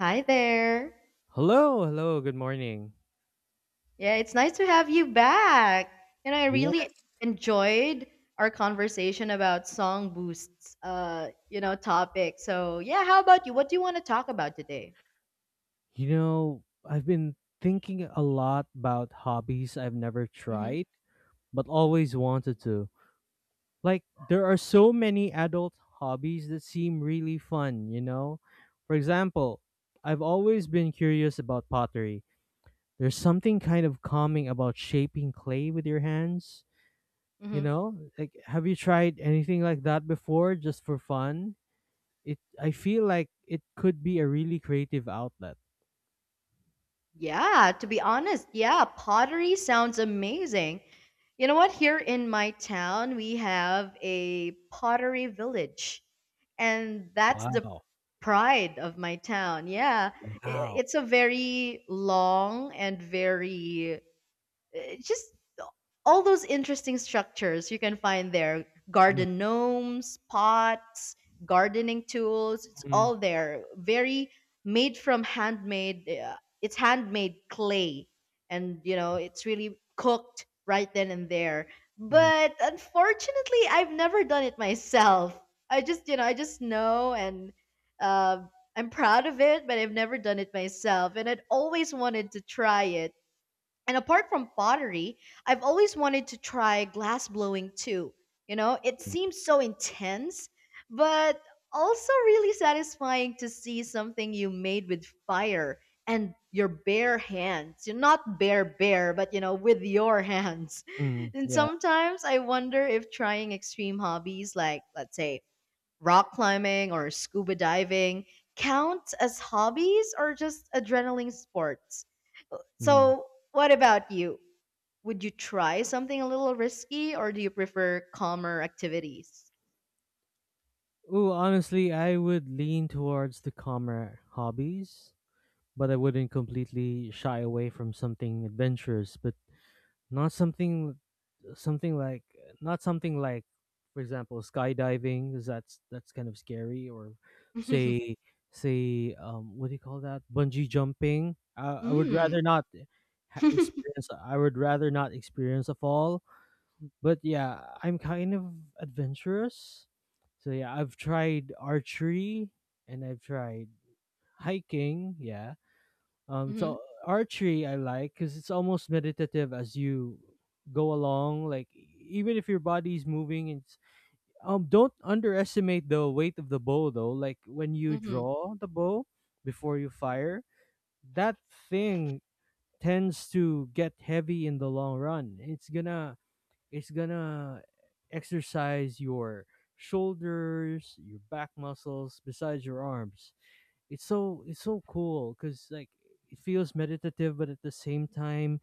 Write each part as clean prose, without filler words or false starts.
Hi there. Hello, hello, good morning. Yeah, it's nice to have you back. And I really Yes. enjoyed our conversation about song boosts, topic. So yeah, how about you? What do you want to talk about today? You know, I've been thinking a lot about hobbies I've never Mm-hmm. tried, but always wanted to. Like, there are so many adult hobbies that seem really fun, you know? For example, I've always been curious about pottery. There's something kind of calming about shaping clay with your hands, you Mm-hmm. know? Like, have you tried anything like that before just for fun? It I feel like it could be a really creative outlet. Yeah, to be honest, yeah, pottery sounds amazing. You know what? Here in my town, we have a pottery village, and that's the Wow. pride of my town. Wow. It's a very long and very just all those interesting structures you can find there, garden gnomes, pots, gardening tools, it's Mhm. all there, very made from handmade, it's handmade clay, and you know, it's really cooked right then and there. Mhm. But unfortunately, I've never done it myself. I just know, and uh, I'm proud of it, but I've never done it myself and I'd always wanted to try it. And apart from pottery, I've always wanted to try glass blowing too. You know, it seems so intense, but also really satisfying to see something you made with fire and your bare hands. You're not bare bare, but you know, with your hands. Mm. And Yeah. sometimes I wonder if trying extreme hobbies like, let's say, rock climbing or scuba diving count as hobbies or just adrenaline sports. Mhm. So, what about you? Would you try something a little risky or do you prefer calmer activities? Ooh, honestly, I would lean towards the calmer hobbies, but I wouldn't completely shy away from something adventurous, but not something, like, not something like, for example, skydiving, 'cause that's kind of scary, or say say, what do you call that? Bungee jumping. I would Mm. rather not experience a fall. But yeah, I'm kind of adventurous. So yeah, I've tried archery, and I've tried hiking. Yeah. Um, hmm so archery I like, because it's almost meditative as you go along. Like, even if your body's moving, it's— don't underestimate the weight of the bow though. Like, when you hmm draw the bow before you fire, that thing tends to get heavy in the long run. It's gonna exercise your shoulders, your back muscles, besides your arms. It's so cool, because, like, it feels meditative, but at the same time,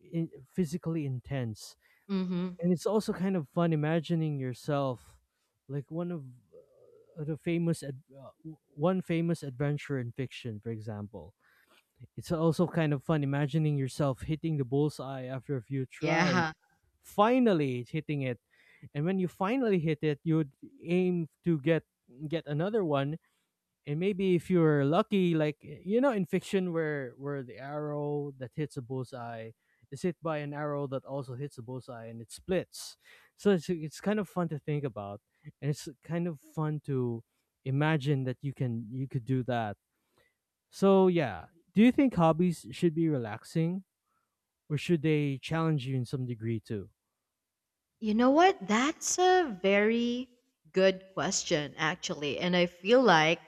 physically intense. hmm And it's also kind of fun imagining yourself like one of the one famous adventure in fiction, for example. It's also kind of fun imagining yourself hitting the bullseye after a few tries. Yeah. Finally, it's hitting it, and when you finally hit it, you would aim to get another one. And maybe if you're lucky, like, you know, in fiction, where the arrow that hits a bullseye is hit by an arrow that also hits a bullseye and it splits. So it's kind of fun to think about, and it's kind of fun to imagine that you could do that. So yeah, do you think hobbies should be relaxing, or should they challenge you in some degree too? You know what? That's a very good question, actually. And I feel like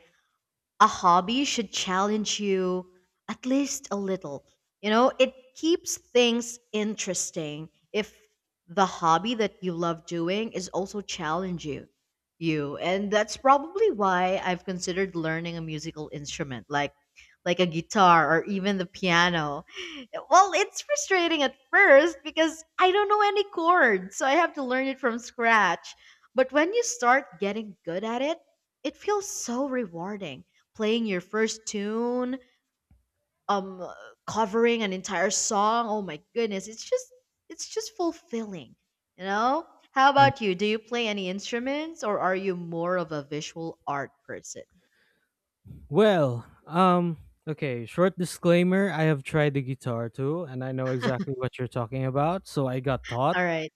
a hobby should challenge you at least a little. You know, it keeps things interesting if the hobby that you love doing is also challenge you. You, and that's probably why I've considered learning a musical instrument, like a guitar or even the piano. Well, it's frustrating at first because I don't know any chords, so I have to learn it from scratch. But when you start getting good at it, it feels so rewarding playing your first tune, um covering an entire song. Oh my goodness, it's just fulfilling, you know? How about you? Do you play any instruments or are you more of a visual art person? Well, okay, short disclaimer, I have tried the guitar too, and I know exactly what you're talking about. So I got taught. All right.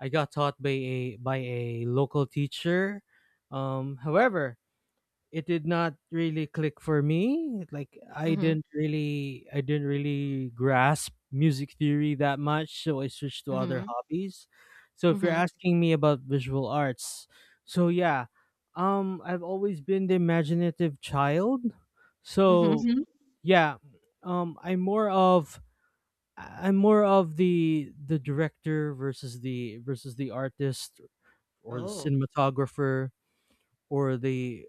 I got taught by a local teacher. However, it did not really click for me. Like, i Mhm. didn't really i didn't really grasp music theory that much, so I switched to other Mhm. hobbies. So if you're Mhm. asking me about visual arts, so yeah. I've always been the imaginative child, Mhm. so mhm. yeah. um i'm more of I'm more of the director, versus the artist, or the Oh. cinematographer, or the—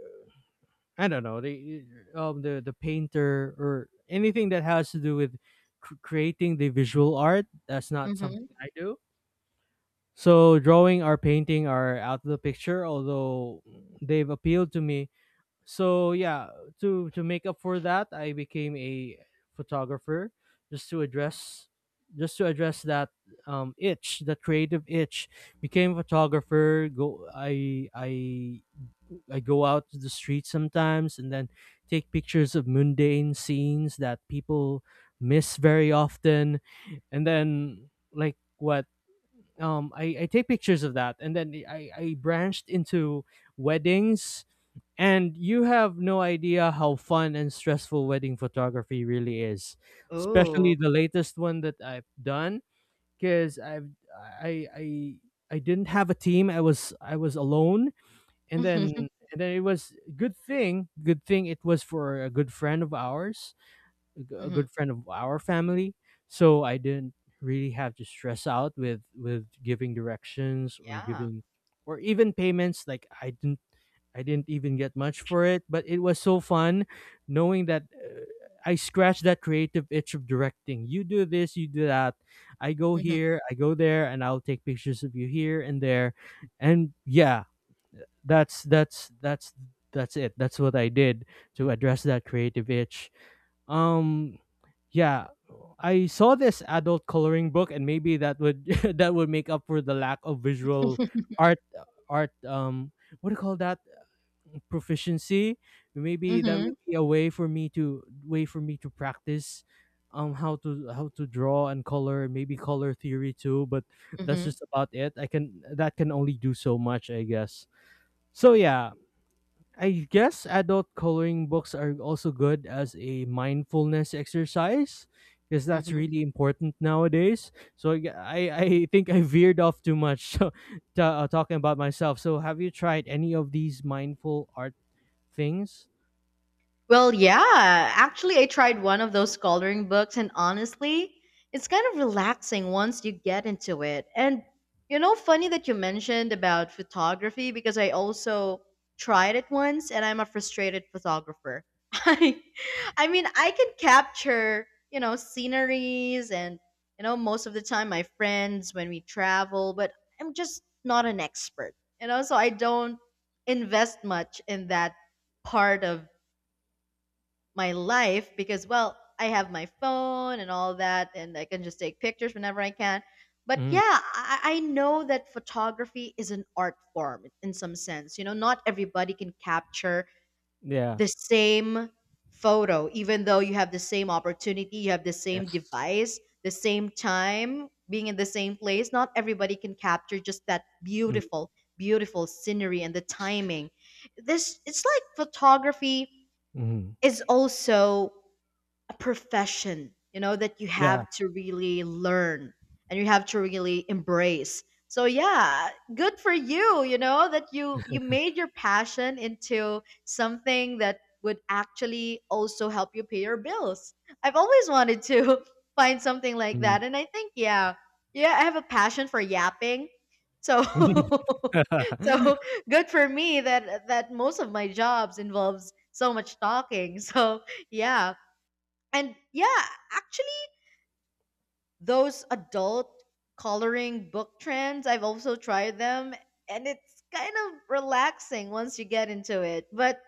I don't know, they— the painter, or anything that has to do with creating the visual art. That's not Mhm. something I do. So drawing or painting are out of the picture, although they've appealed to me. So yeah, to make up for that, I became a photographer, just to address— just to address that itch, that creative itch. Became a photographer. Go I go out to the street sometimes, and then take pictures of mundane scenes that people miss very often. And then, like, what I take pictures of that, and then I branched into weddings, and you have no idea how fun and stressful wedding photography really is. Oh. Especially the latest one that I've done, because I've I I I didn't have a team. I was alone, and then and then it was— good thing it was for a good friend of ours, a Mhm. good friend of our family. So I didn't really have to stress out with giving directions, or Yeah. giving— or even payments. Like, I didn't even get much for it, but it was so fun, knowing that, I scratched that creative itch of directing. You do this, you do that. I go Mhm. here, I go there, and I'll take pictures of you here and there. And yeah, that's that's that's that's it. That's what I did to address that creative itch. um yeah, I saw this adult coloring book, and maybe that would that would make up for the lack of visual art, art um what do you call that, proficiency. Maybe that Mhm. would be a way for me to— practice how to draw and color, maybe color theory too, but that's Mhm. just about it. I can That can only do so much, I guess. So yeah, I guess adult coloring books are also good as a mindfulness exercise, because that's Mhm. really important nowadays. I think I veered off too much so, to, talking about myself. So have you tried any of these mindful art things? Well, yeah. Actually, I tried one of those coloring books, and honestly, it's kind of relaxing once you get into it. And you know, funny that you mentioned about photography, because I also tried it once, and I'm a frustrated photographer. I, I mean, I can capture, you know, sceneries, and you know, most of the time my friends when we travel, but I'm just not an expert. You know, so I don't invest much in that part of my life, because well, I have my phone and all that and I can just take pictures whenever I can. But Mm, yeah, I know that photography is an art form in some sense, you know, not everybody can capture yeah. the same photo even though you have the same opportunity, you have the same Yes. device, the same time, being in the same place, not everybody can capture just that Mm, beautiful scenery and the timing. This It's like photography mm, is also a profession, you know, that you yeah. have to really learn and you have to really embrace. So yeah, good for you, you know, that you made your passion into something that would actually also help you pay your bills. I've always wanted to find something like that, Mm. and I think yeah, yeah, I have a passion for yapping. So so good for me that most of my jobs involves so much talking. So yeah, and yeah, actually, those adult coloring book trends, I've also tried them, and it's kind of relaxing once you get into it. But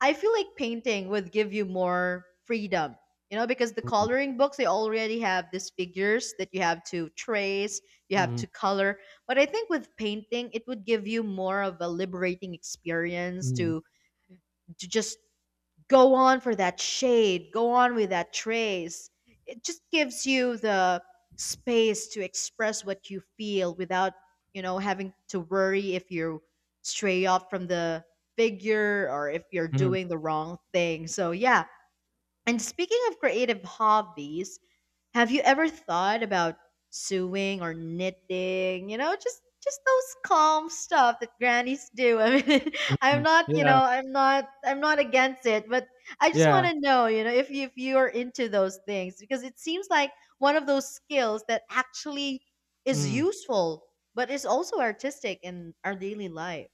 I feel like painting would give you more freedom, you know, because the Mm, coloring books, they already have these figures that you have to trace, you mm, have mm, to color. But I think with painting, it would give you more of a liberating experience mm, to just go on for that shade, go on with that trace. It just gives you the space to express what you feel without, you know, having to worry if you stray off from the figure or if you're mm, doing the wrong thing. So, yeah. And speaking of creative hobbies, have you ever thought about sewing or knitting? You know, just those calm stuff that grannies do. I mean, mm. I'm not, you know, Yeah. I'm not against it, but I just want Yeah. to know, you know, if you are into those things because it seems like one of those skills that actually is Mm. useful but is also artistic in our daily life.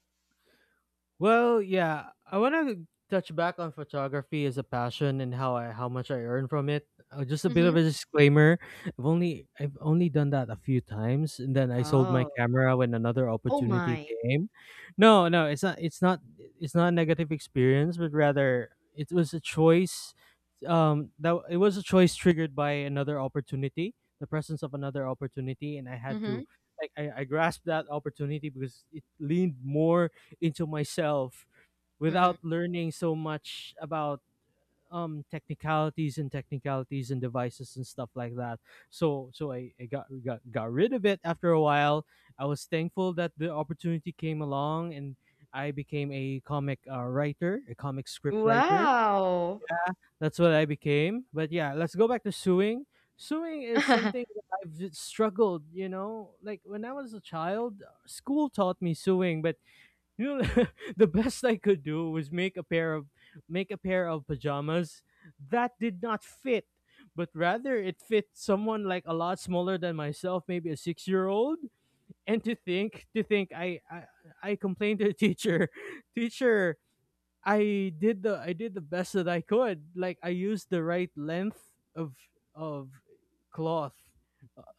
Well, yeah, I want to touch back on photography as a passion, and how much I earn from it. Just a bit of Mhm. a disclaimer: I've only done that a few times, and then I sold my Oh. camera when another Oh opportunity my. came. No, no, it's not. It's not. It's not a negative experience, but rather it was a choice— that it was a choice triggered by another opportunity, the presence of another opportunity, and I had to— Mhm. like, I grasped that opportunity because it leaned more into myself, Mhm. without learning so much about technicalities, and devices and stuff like that. So I got rid of it after a while. I was thankful that the opportunity came along, and I became a comic— writer— a comic script writer. Wow. That's what I became. But yeah, let's go back to suing. Suing is something that I've struggled, you know. Like, when I was a child, school taught me suing, but you know the best I could do was make a pair of pajamas that did not fit, but rather it fit someone like a lot smaller than myself, maybe a 6-year-old. And to think, to think, I complained to the teacher. Teacher, I did the best that I could. Like, I used the right length of of cloth.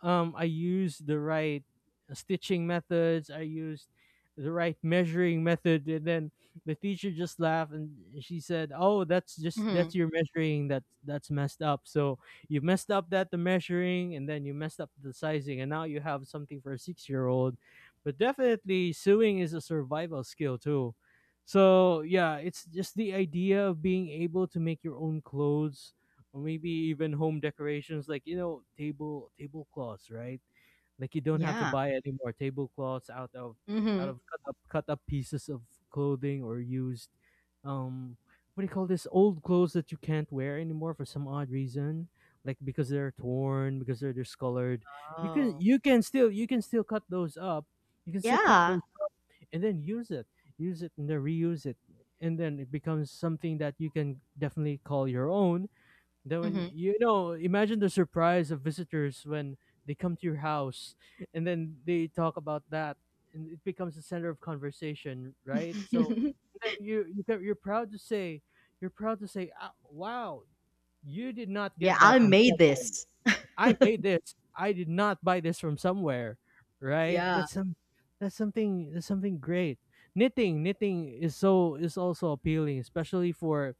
I used the right stitching methods. I used the right measuring method, and then the teacher just laughed and she said, "Oh, that's just— that's mhm. your measuring. That's messed up. So you messed up that the measuring, and then you messed up the sizing, and now you have something for a 6-year old. But definitely, sewing is a survival skill too." So yeah, it's just the idea of being able to make your own clothes, or maybe even home decorations, like, you know, tablecloths, right? Like, you don't have to Yeah. buy any more tablecloths out of— Mhm. Cut up pieces of clothing, or used— um what do you call this, old clothes that you can't wear anymore for some odd reason, like because they're torn, because they're discolored. you can Oh. you can still you can still cut those up. You can still cut Yeah. those, and then use it— and then reuse it, and then it becomes something that you can definitely call your own. Then, when— Mhm. you know, imagine the surprise of visitors when they come to your house, and then they talk about that, and it becomes the center of conversation, right? So then, you can— you're proud to say, "Ah, wow, you did not Yeah, get that I from made somewhere. this. I made this. I did not buy this from somewhere." Right? Yeah. That's something— that's something great. Knitting, knitting is also appealing, especially for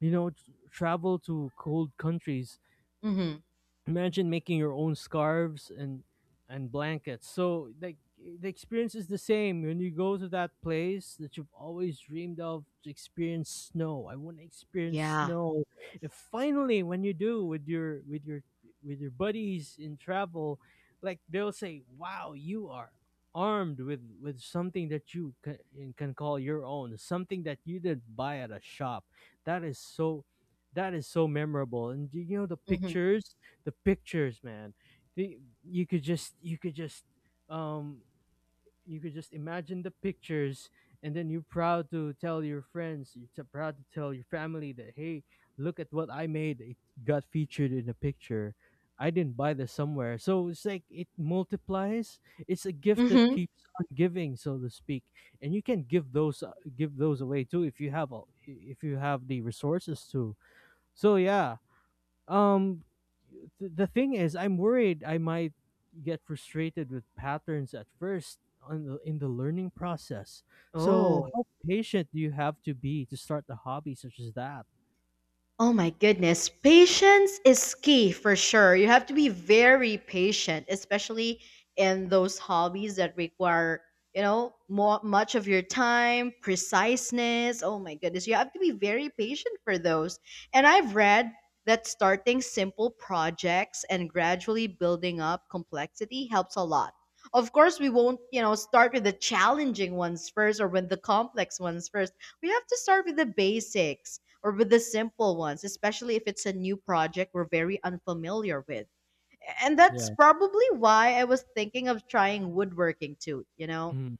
travel to cold countries. Mhm. Imagine making your own scarves and blankets. So like the experience is the same when you go to that place that you've always dreamed of, to experience snow. I want to experience Yeah. snow if finally when you do with your with your with your buddies in travel, like they'll say, "Wow, you are armed with something that can call your own, something that you didn't buy at a shop, that is so that is so memorable." And do you know the Mhm. pictures? The pictures, man, you could just um you could just imagine the pictures. And then you're proud to tell your friends, proud to tell your family that, "Hey, look at what I made. It got featured in a picture. I didn't buy this somewhere." So it's like it multiplies. It's a gift that Mhm. keeps on giving, so to speak. And you can give those away too if you have if you have the resources to. So yeah, um, the thing is, I'm worried I might get frustrated with patterns at first on in the learning process. So, Oh. how patient do you have to be to start a hobby such as that? Oh my goodness. Patience is key for sure. You have to be very patient, especially in those hobbies that require, you know, more much of your time, preciseness. Oh my goodness. You have to be very patient for those. And I've read that starting simple projects and gradually building up complexity helps a lot. Of course, we won't, you know, start with the challenging ones first or with the complex ones first. We have to start with the basics or with the simple ones, especially if it's a new project we're very unfamiliar with. And that's Yeah. probably why I was thinking of trying woodworking too, you know? Mm,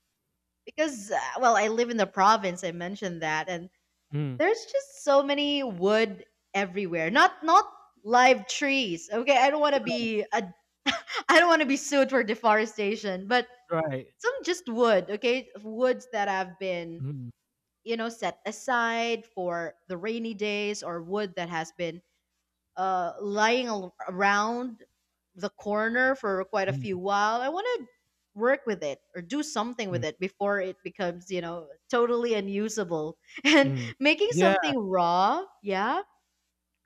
Because, well, I live in the province, I mentioned that, and mm, there's just so many wood everywhere. Not live trees. Okay, I don't want to be a I don't want to be sued for deforestation, but right. some just wood, okay? Woods that have been, Mm, you know, set aside for the rainy days, or wood that has been lying around the corner for quite a few mm, while. I want to work with it or do something mm, with it before it becomes, you know, totally unusable. And mm. making Yeah. something raw, yeah,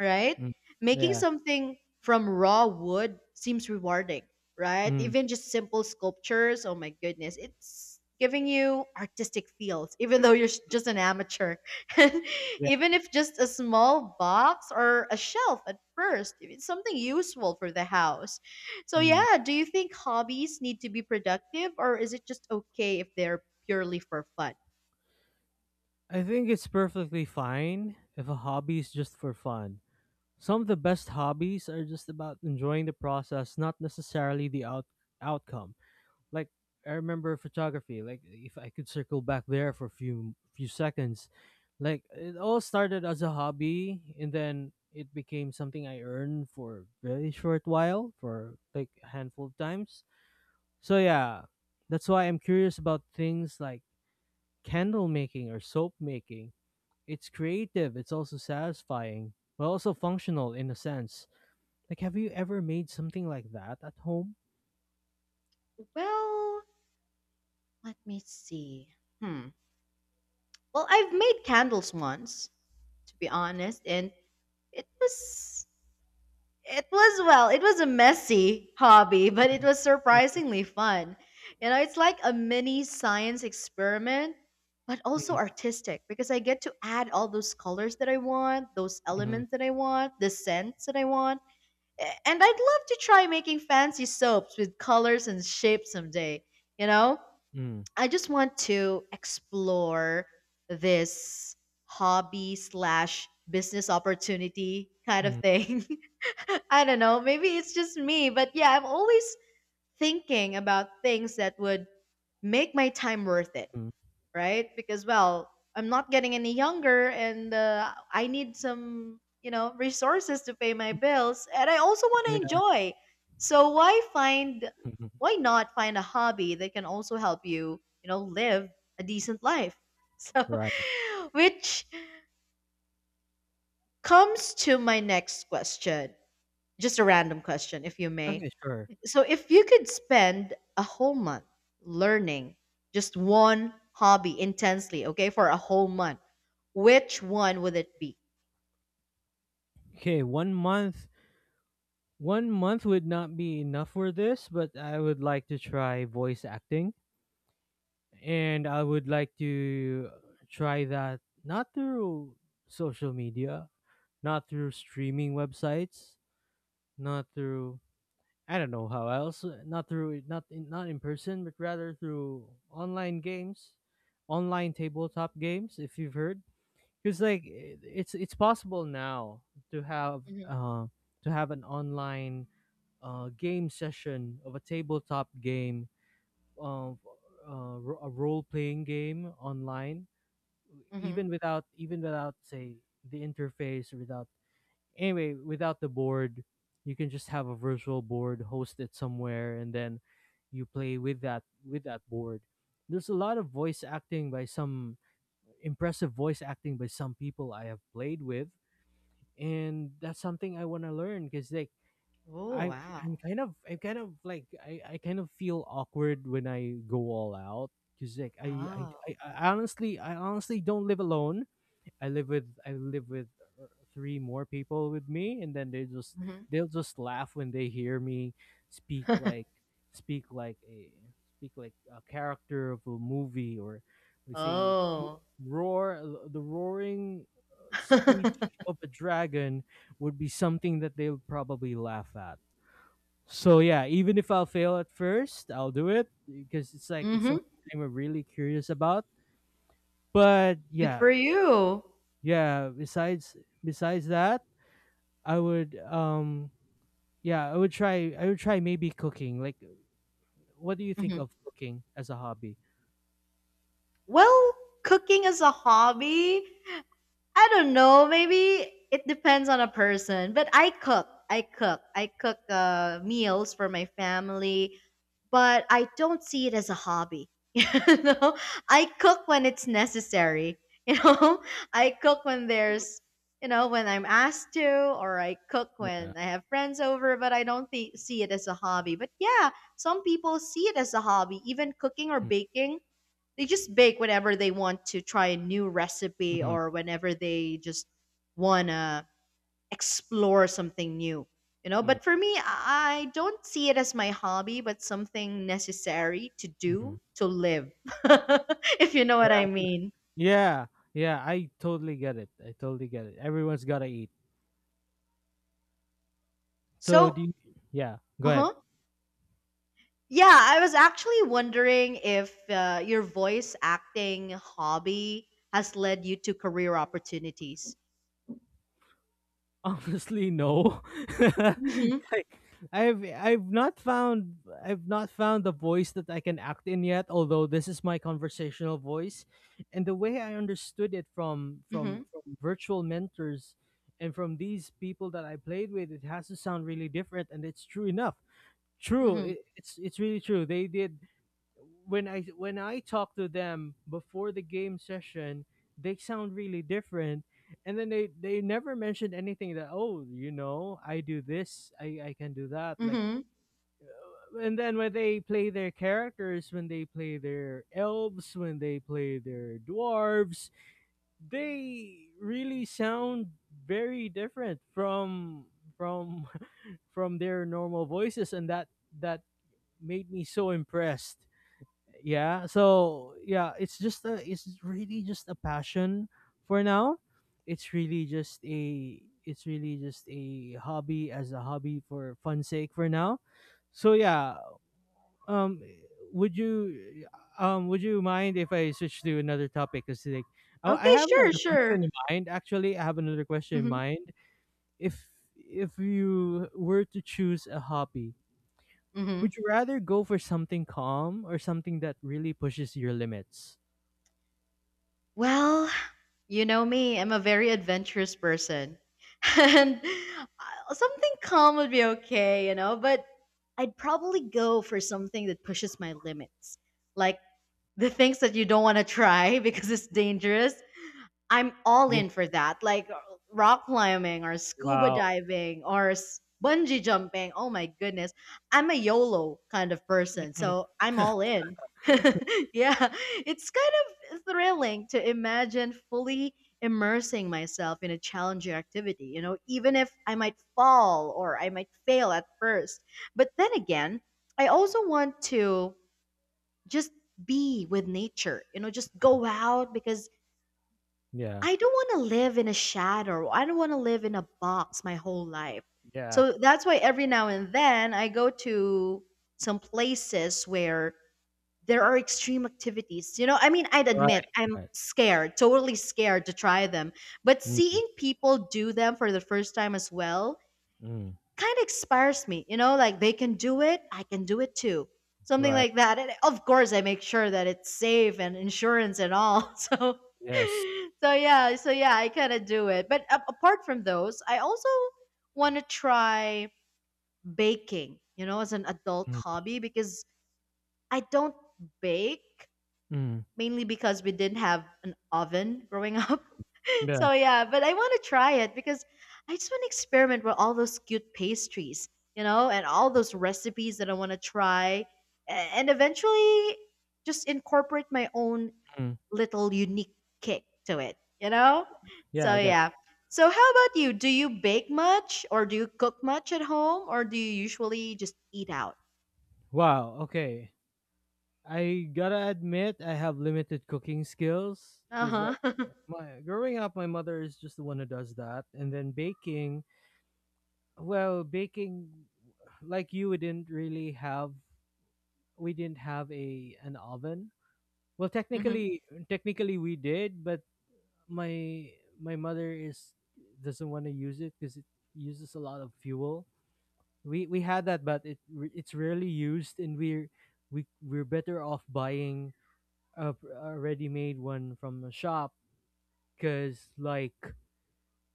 right? Mm, Making yeah. something from raw wood seems rewarding, right? Mm, Even just simple sculptures, oh my goodness, it's giving you artistic feels, even though you're just an amateur. And yeah. even if just a small box or a shelf at first, it's something useful for the house. So, Mm. yeah, do you think hobbies need to be productive or is it just okay if they're purely for fun? I think it's perfectly fine if a hobby is just for fun. Some of the best hobbies are just about enjoying the process, not necessarily the outcome. Like I remember photography. Like if I could circle back there for a few seconds, like it all started as a hobby and then it became something I earned for a very short while, for like a handful of times. So yeah, that's why I'm curious about things like candle making or soap making. It's creative, it's also satisfying, but also functional in a sense. Like have you ever made something like that at home? Well, let me see. Hmm. Well, I've made candles once, to be honest, and it was it was well, it was a messy hobby, but it Mm, was mm, surprisingly fun. You know, it's like a mini science experiment, but also mm, artistic because I get to add all those colors that I want, those mm, elements that I want, the scents that I want. And I'd love to try making fancy soaps with colors and shapes someday, you know? mm, I just want to explore this hobby slash business opportunity kind of mm, thing. I don't know. Maybe it's just me, but yeah, I'm always thinking about things that would make my time worth it, mm. right? Because well, I'm not getting any younger, and I need some, you know, resources to pay my bills, and I also want to Yeah. enjoy. So why find why not find a hobby that can also help you, you know, live a decent life? So, Right. which comes to my next question, just a random question, if you may. Okay, sure. So if you could spend a whole month learning just one hobby intensely, okay, for a whole month, which one would it be? Okay, one month would not be enough for this, but I would like to try voice acting, and I would like to try that not through social media, not through streaming websites, not through, I don't know how else, not not in person, but rather through online games, online tabletop games, if you've heard. Because like it's possible now to have Hmm uh, to have an online game session of a tabletop game of a role playing game online, hmm even without, say, the interface, without, anyway, without the board. You can just have a virtual board, host it somewhere, and then you play with that board. There's a lot of voice acting by some impressive voice acting by some people I have played with. And that's something I want to learn because like Oh I, wow! I'm kind of like, I kind of feel awkward when I go all out because like Oh. I honestly, don't live alone. I live with, uh, three more people with me, and then they just, hmm they'll just laugh when they hear me speak like speak like a speak like a character of a movie, or, we say, Oh. roar, the roaring speech of a dragon would be something that they'll probably laugh at. So yeah, even if I'll fail at first, I'll do it because it's like it's hmm something I'm really curious about. But Good for yeah, you. yeah, besides that, I would, yeah I would try, maybe cooking. Like what do you think Hmm of cooking as a hobby? Well, cooking as a hobby, I don't know. Maybe it depends on a person, but I cook. I cook meals for my family. But I don't see it as a hobby. You know, I cook when it's necessary. You know, I cook when Mm. there's, you know, when I'm asked to, or I cook Yeah. when I have friends over, but I don't see it as a hobby. But yeah, some people see it as a hobby, even cooking or baking. They just bake whenever they want to try a new recipe Mm-hmm. or whenever they just want to explore something new, you know, but for me, I don't see it as my hobby but something necessary to Mm-hmm. do to live. If you know what Yeah, I mean. yeah, yeah, I totally get it. Everyone's gotta eat. So So do yeah, go ahead. uh-huh yeah, I was actually wondering if your voice acting hobby has led you to career opportunities. Honestly, no. Mm-hmm Like I've, I've not found the voice that I can act in yet, although this is my conversational voice. And the way I understood it from mm-hmm from virtual mentors and from these people that I played with, it has to sound really different, and it's true enough. True, mm-hmm it's really true. They did, when I, talk to them before the game session, they sound really different. And then they, never mentioned anything that, oh, you know, I do this, I can do that, like. mm-hmm And then when they play their characters, when they play their elves, when they play their dwarves, they really sound very different from from their normal voices. And that, that made me so impressed. Yeah, so yeah, it's just a it's really just a passion for now. It's really just a it's really just a hobby, as a hobby, for fun sake for now. So yeah, um would you, would you mind if I switch to another topic, because like, oh, I Okay, have sure, another sure. question in mind. Actually I have another question in mm-hmm mind If, you were to choose a hobby, mm-hmm would you rather go for something calm or something that really pushes your limits? Well, you know me, I'm a very adventurous person. And something calm would be okay, you know, but I'd probably go for something that pushes my limits. Like the things that you don't want to try because it's dangerous, I'm all Yeah, in for that. Like rock climbing or scuba wow. diving or bungee jumping. Oh my goodness. I'm a YOLO kind of person. So I'm all in. Yeah. It's kind of thrilling to imagine fully immersing myself in a challenging activity, you know, even if I might fall or I might fail at first. But then again, I also want to just be with nature, you know, just Mm, go out because yeah, I don't want to live in a shadow. I don't want to live in a box my whole life. yeah, So that's why every now and then I go to some places where there are extreme activities. You know, I mean, I'd right, admit I'm right. scared, totally scared to try them, but Mm, seeing people do them for the first time as well mm, kind of inspires me, you know, like they can do it, I can do it too. Something right. like that. And of course, I make sure that it's safe and insurance and all. So, Yes. so yeah, I kind of do it. But apart from those, I also want to try baking, you know, as an adult Mm, hobby because I don't bake mm, mainly because we didn't have an oven growing up. yeah, So yeah, but I want to try it because I just want to experiment with all those cute pastries, you know, and all those recipes that I want to try, and eventually just incorporate my own mm, little unique kick to it, you know? yeah, So I get. yeah. So how about you? Do you bake much or do you cook much at home or do you usually just eat out? Wow, okay. I gotta admit, I have limited cooking skills because, like, Uh-huh. my growing up, my mother is just the one who does that, and then baking. Well, baking, like you, we didn't really have, we didn't have a an oven. Well, Mhm. technically, we did, but my my mother is doesn't want to use it because it uses a lot of fuel. We had that, but it's rarely used, and we're better off buying a, pr- ready made one from a shop, because like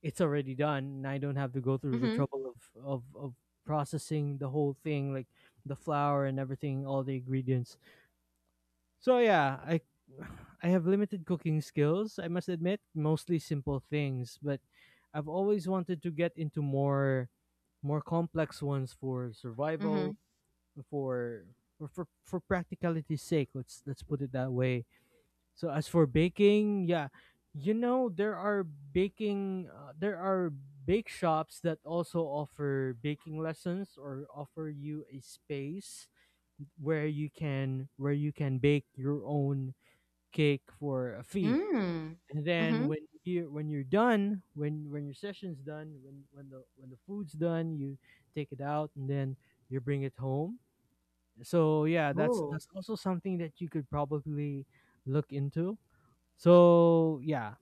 it's already done, and I don't have to go through the Mhm. trouble of processing the whole thing, like the flour and everything, all the ingredients. So yeah, I I have limited cooking skills, I must admit, mostly simple things, but I've always wanted to get into more complex ones for survival, Mhm. for for practicality's sake, let's put it that way. So as for baking, yeah, you know there are bake shops that also offer baking lessons, or offer you a space where you can bake your own cake for a fee. Mm. And then Mhm. when you're done, when your session's done, when the food's done, you take it out and then you bring it home. So yeah, that's, Ooh. Also something that you could probably look into. So yeah,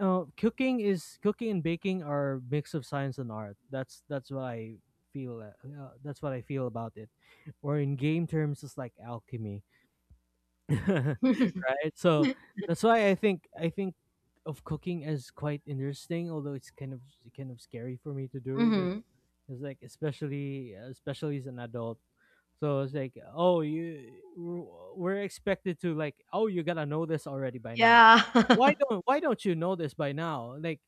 cooking and baking are mix of science and art. That's, what I feel. That's what I feel about it. Or in game terms, it's like alchemy, right? So that's why I think of cooking as quite interesting, although it's kind of scary for me to do because Mhm. it's like, especially, especially as an adult. So it's like, oh, you we we're expected to like, oh, you gotta know this already by now. Yeah. Why don't you know this by now? Like,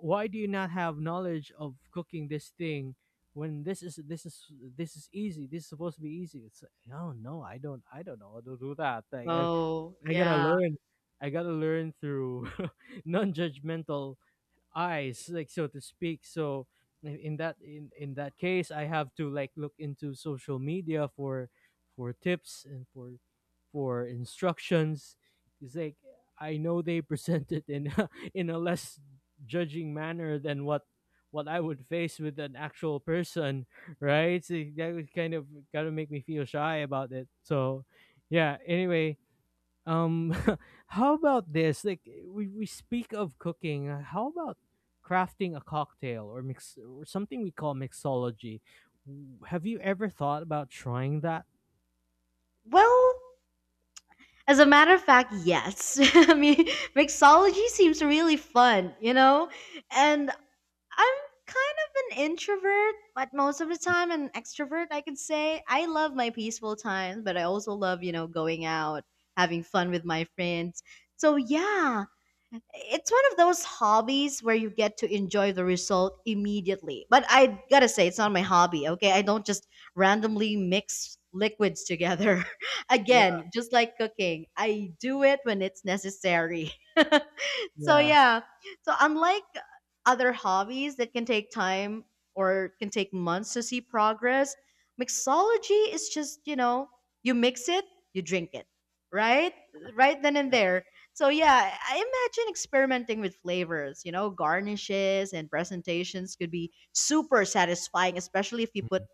why do you not have knowledge of cooking this thing, when this is easy, this is supposed to be easy? It's like, no, I don't, know how to do that. Like Oh, I gotta yeah. learn, through non-judgmental eyes, like, so to speak. So in that, in that case, I have to like look into social media for tips and for instructions. It's like, I know they present it in a, in a less judging manner than what I would face with an actual person, right? So that would kind of make me feel shy about it. So yeah, anyway, um, how about this? Like, we speak of cooking. How about crafting a cocktail or mix, or something we call mixology? Have you ever thought about trying that? Well, as a matter of fact, yes. I mean, mixology seems really fun, you know? And I'm kind of an introvert, but most of the time an extrovert, I could say. I love my peaceful times, but I also love, you know, going out, having fun with my friends. So, yeah, it's one of those hobbies where you get to enjoy the result immediately. But I gotta say, it's not my hobby, okay? I don't just randomly mix liquids together. Yeah, Again, just like cooking, I do it when it's necessary. So, yeah, yeah. So, unlike other hobbies that can take time or can take months to see progress, mixology is just, you know, you mix it, you drink it, right? Right then and yeah. there. So yeah, I imagine experimenting with flavors, you know, garnishes and presentations could be super satisfying, especially if you put Mm.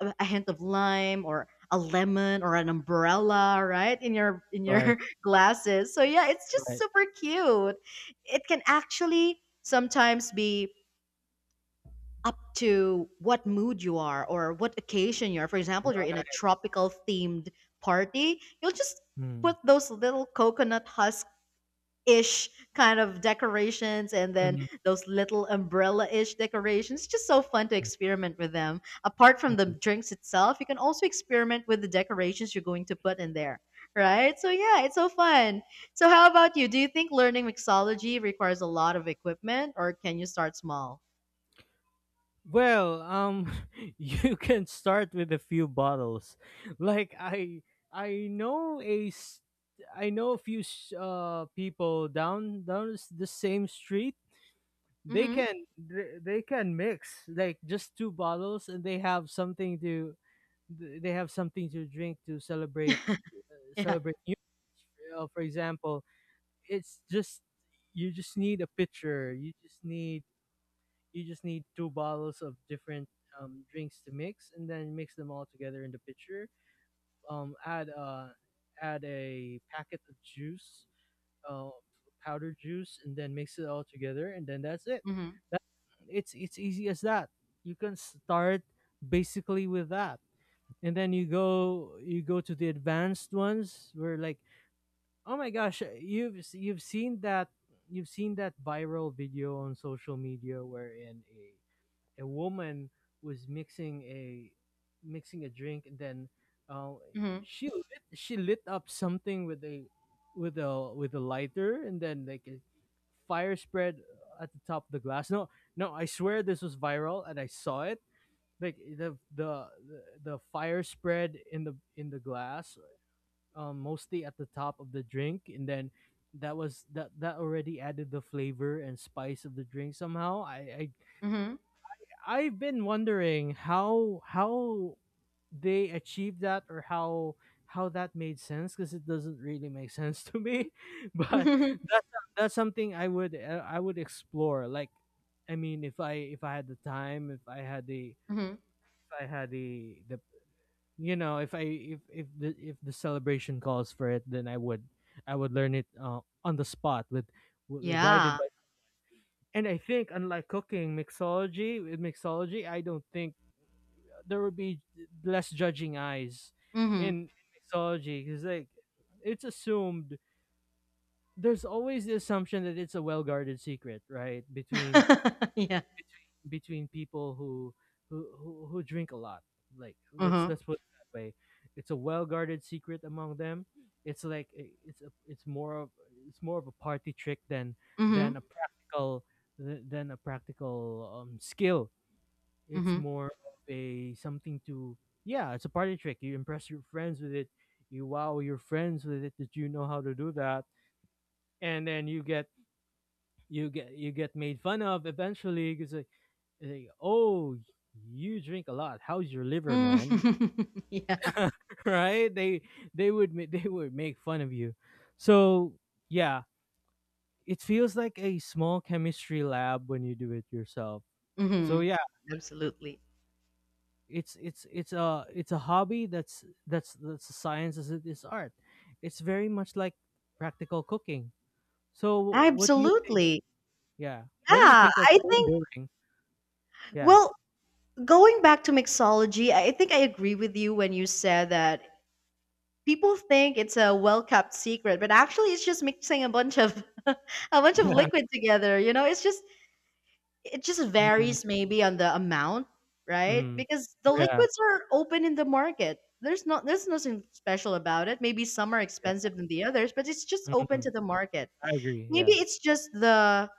a hint of lime or a lemon or an umbrella, right, in Right, your glasses. So yeah, it's just right, super cute. It can actually sometimes be up to what mood you are or what occasion you are. For example, you're in a right. tropical themed party, you'll just Mm, put those little coconut husk ish kind of decorations and then mm, those little umbrella ish decorations. Just so fun to mm, experiment with them. Apart from the mm. drinks itself, you can also experiment with the decorations you're going to put in there. Right? So yeah, it's so fun. So how about you? Do you think learning mixology requires a lot of equipment or can you start small? Well, you can start with a few bottles. Like I know a, s- I know people down the same street. They Mhm. can, they can mix like just two bottles, and they have something they have something to drink, to celebrate, Yeah. celebrate for example. It's just, you just need a pitcher. You just need Two bottles of different drinks to mix, and then mix them all together in the pitcher, add add a packet of juice, uh, powdered juice, and then mix it all together, and then that's it. Mhm. that, it's easy as that. You can start basically with that, and then you go to the advanced ones, where like, oh my gosh, you've seen that, you've seen that viral video on social media, wherein a, woman was mixing a drink, and then, uh, Mhm. She lit up something with a with a with a lighter, and then, like, a fire spread at the top of the glass. No, no I swear this was viral and I saw it. Like the fire spread in the glass, mostly at the top of the drink. And then that was, that already added the flavor and spice of the drink somehow. Mhm. I've been wondering how they achieved that, or how that made sense, because it doesn't really make sense to me. But Mhm. that's, something I would, I would explore. Like, I mean, if I had the time, if I had the if I had the you know, if the, celebration calls for it, then I would learn it on the spot with, guided Yeah. by. And I think, unlike cooking, mixology, I don't think there would be less judging eyes Mhm. in mixology, because like, it's assumed, there's always the assumption that it's a well-guarded secret, right, between Yeah. People who who drink a lot, like, Mhm. let's put it that way. It's a well-guarded secret among them. It's like, it's more of, a party trick than, Mhm. than a practical than a practical skill. It's Mhm. more of a, something to, yeah, it's a party trick. You impress your friends with it. You wow your friends with it, that you know how to do that. And then you get, you get made fun of eventually, because like, oh, you drink a lot. How's your liver, Mm, man? yeah. Right? They, they would make fun of you. So yeah, it feels like a small chemistry lab when you do it yourself. So Mhm. yeah. Absolutely. It's a hobby that's, that's a science as it is art. It's very much like practical cooking. So what do you think, Absolutely. yeah, what do you Yeah, think of I home think, brewing? Yeah. well, going back to mixology, I think I agree with you when you said that people think it's a well-kept secret, but actually it's just mixing a bunch of a bunch of liquid together, you know? It's just it just Mm, varies maybe on the amount, right? mm, Because the yeah, liquids are open in the market. There's nothing special about it. Maybe some are yeah. expensive than the others, but it's just open Mm, to the market. I agree, Maybe yeah. it's just the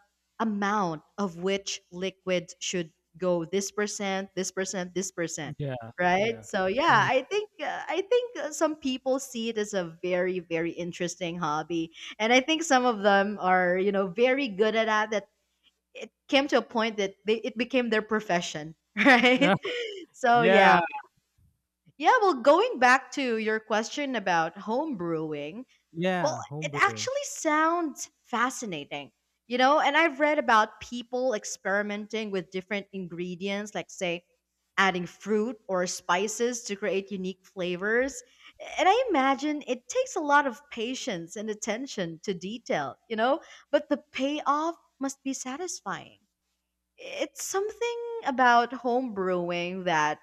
amount of which liquids should go this percent, this percent, this percent, Yeah, right? yeah. So yeah, Mm. I think some people see it as a very interesting hobby, and I think some of them are you know very good at that. That it came to a point that they, it became their profession, right? So yeah, Yeah. yeah. Well, going back to your question about home brewing, well, Yeah, home it brewing. actually sounds fascinating, you know, and I've read about people experimenting with different ingredients, like, say, adding fruit or spices to create unique flavors. And I imagine it takes a lot of patience and attention to detail, you know, but the payoff must be satisfying. It's something about home brewing that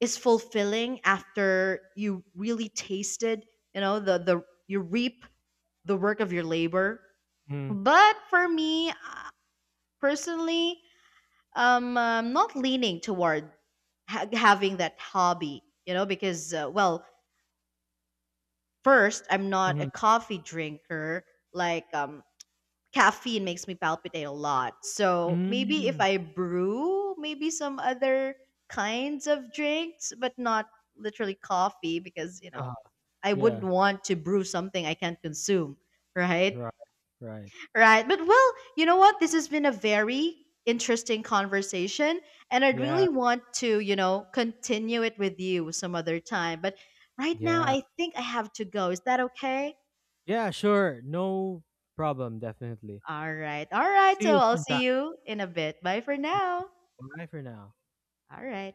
is fulfilling after you really tasted, you know, the you reap the work of your labor. Mm, But for me, personally, I'm not leaning toward having that hobby, you know, because, well, first, I'm not a mm, coffee drinker. Like, caffeine makes me palpitate a lot. So maybe if mm. I brew, maybe some other kinds of drinks, but not literally coffee, because, you Uh, know, I wouldn't yeah, want to brew something I can't consume, right? right, right, Right. But well, you know what? This has been a very interesting conversation. And I yeah, really want to, you know, continue it with you some other time. But right now, yeah. I think I have to go. Is that okay? Yeah, sure, no problem, definitely. All right. All right. See So you I'll sometime. see you in a bit. Bye for now. Bye for now. All right.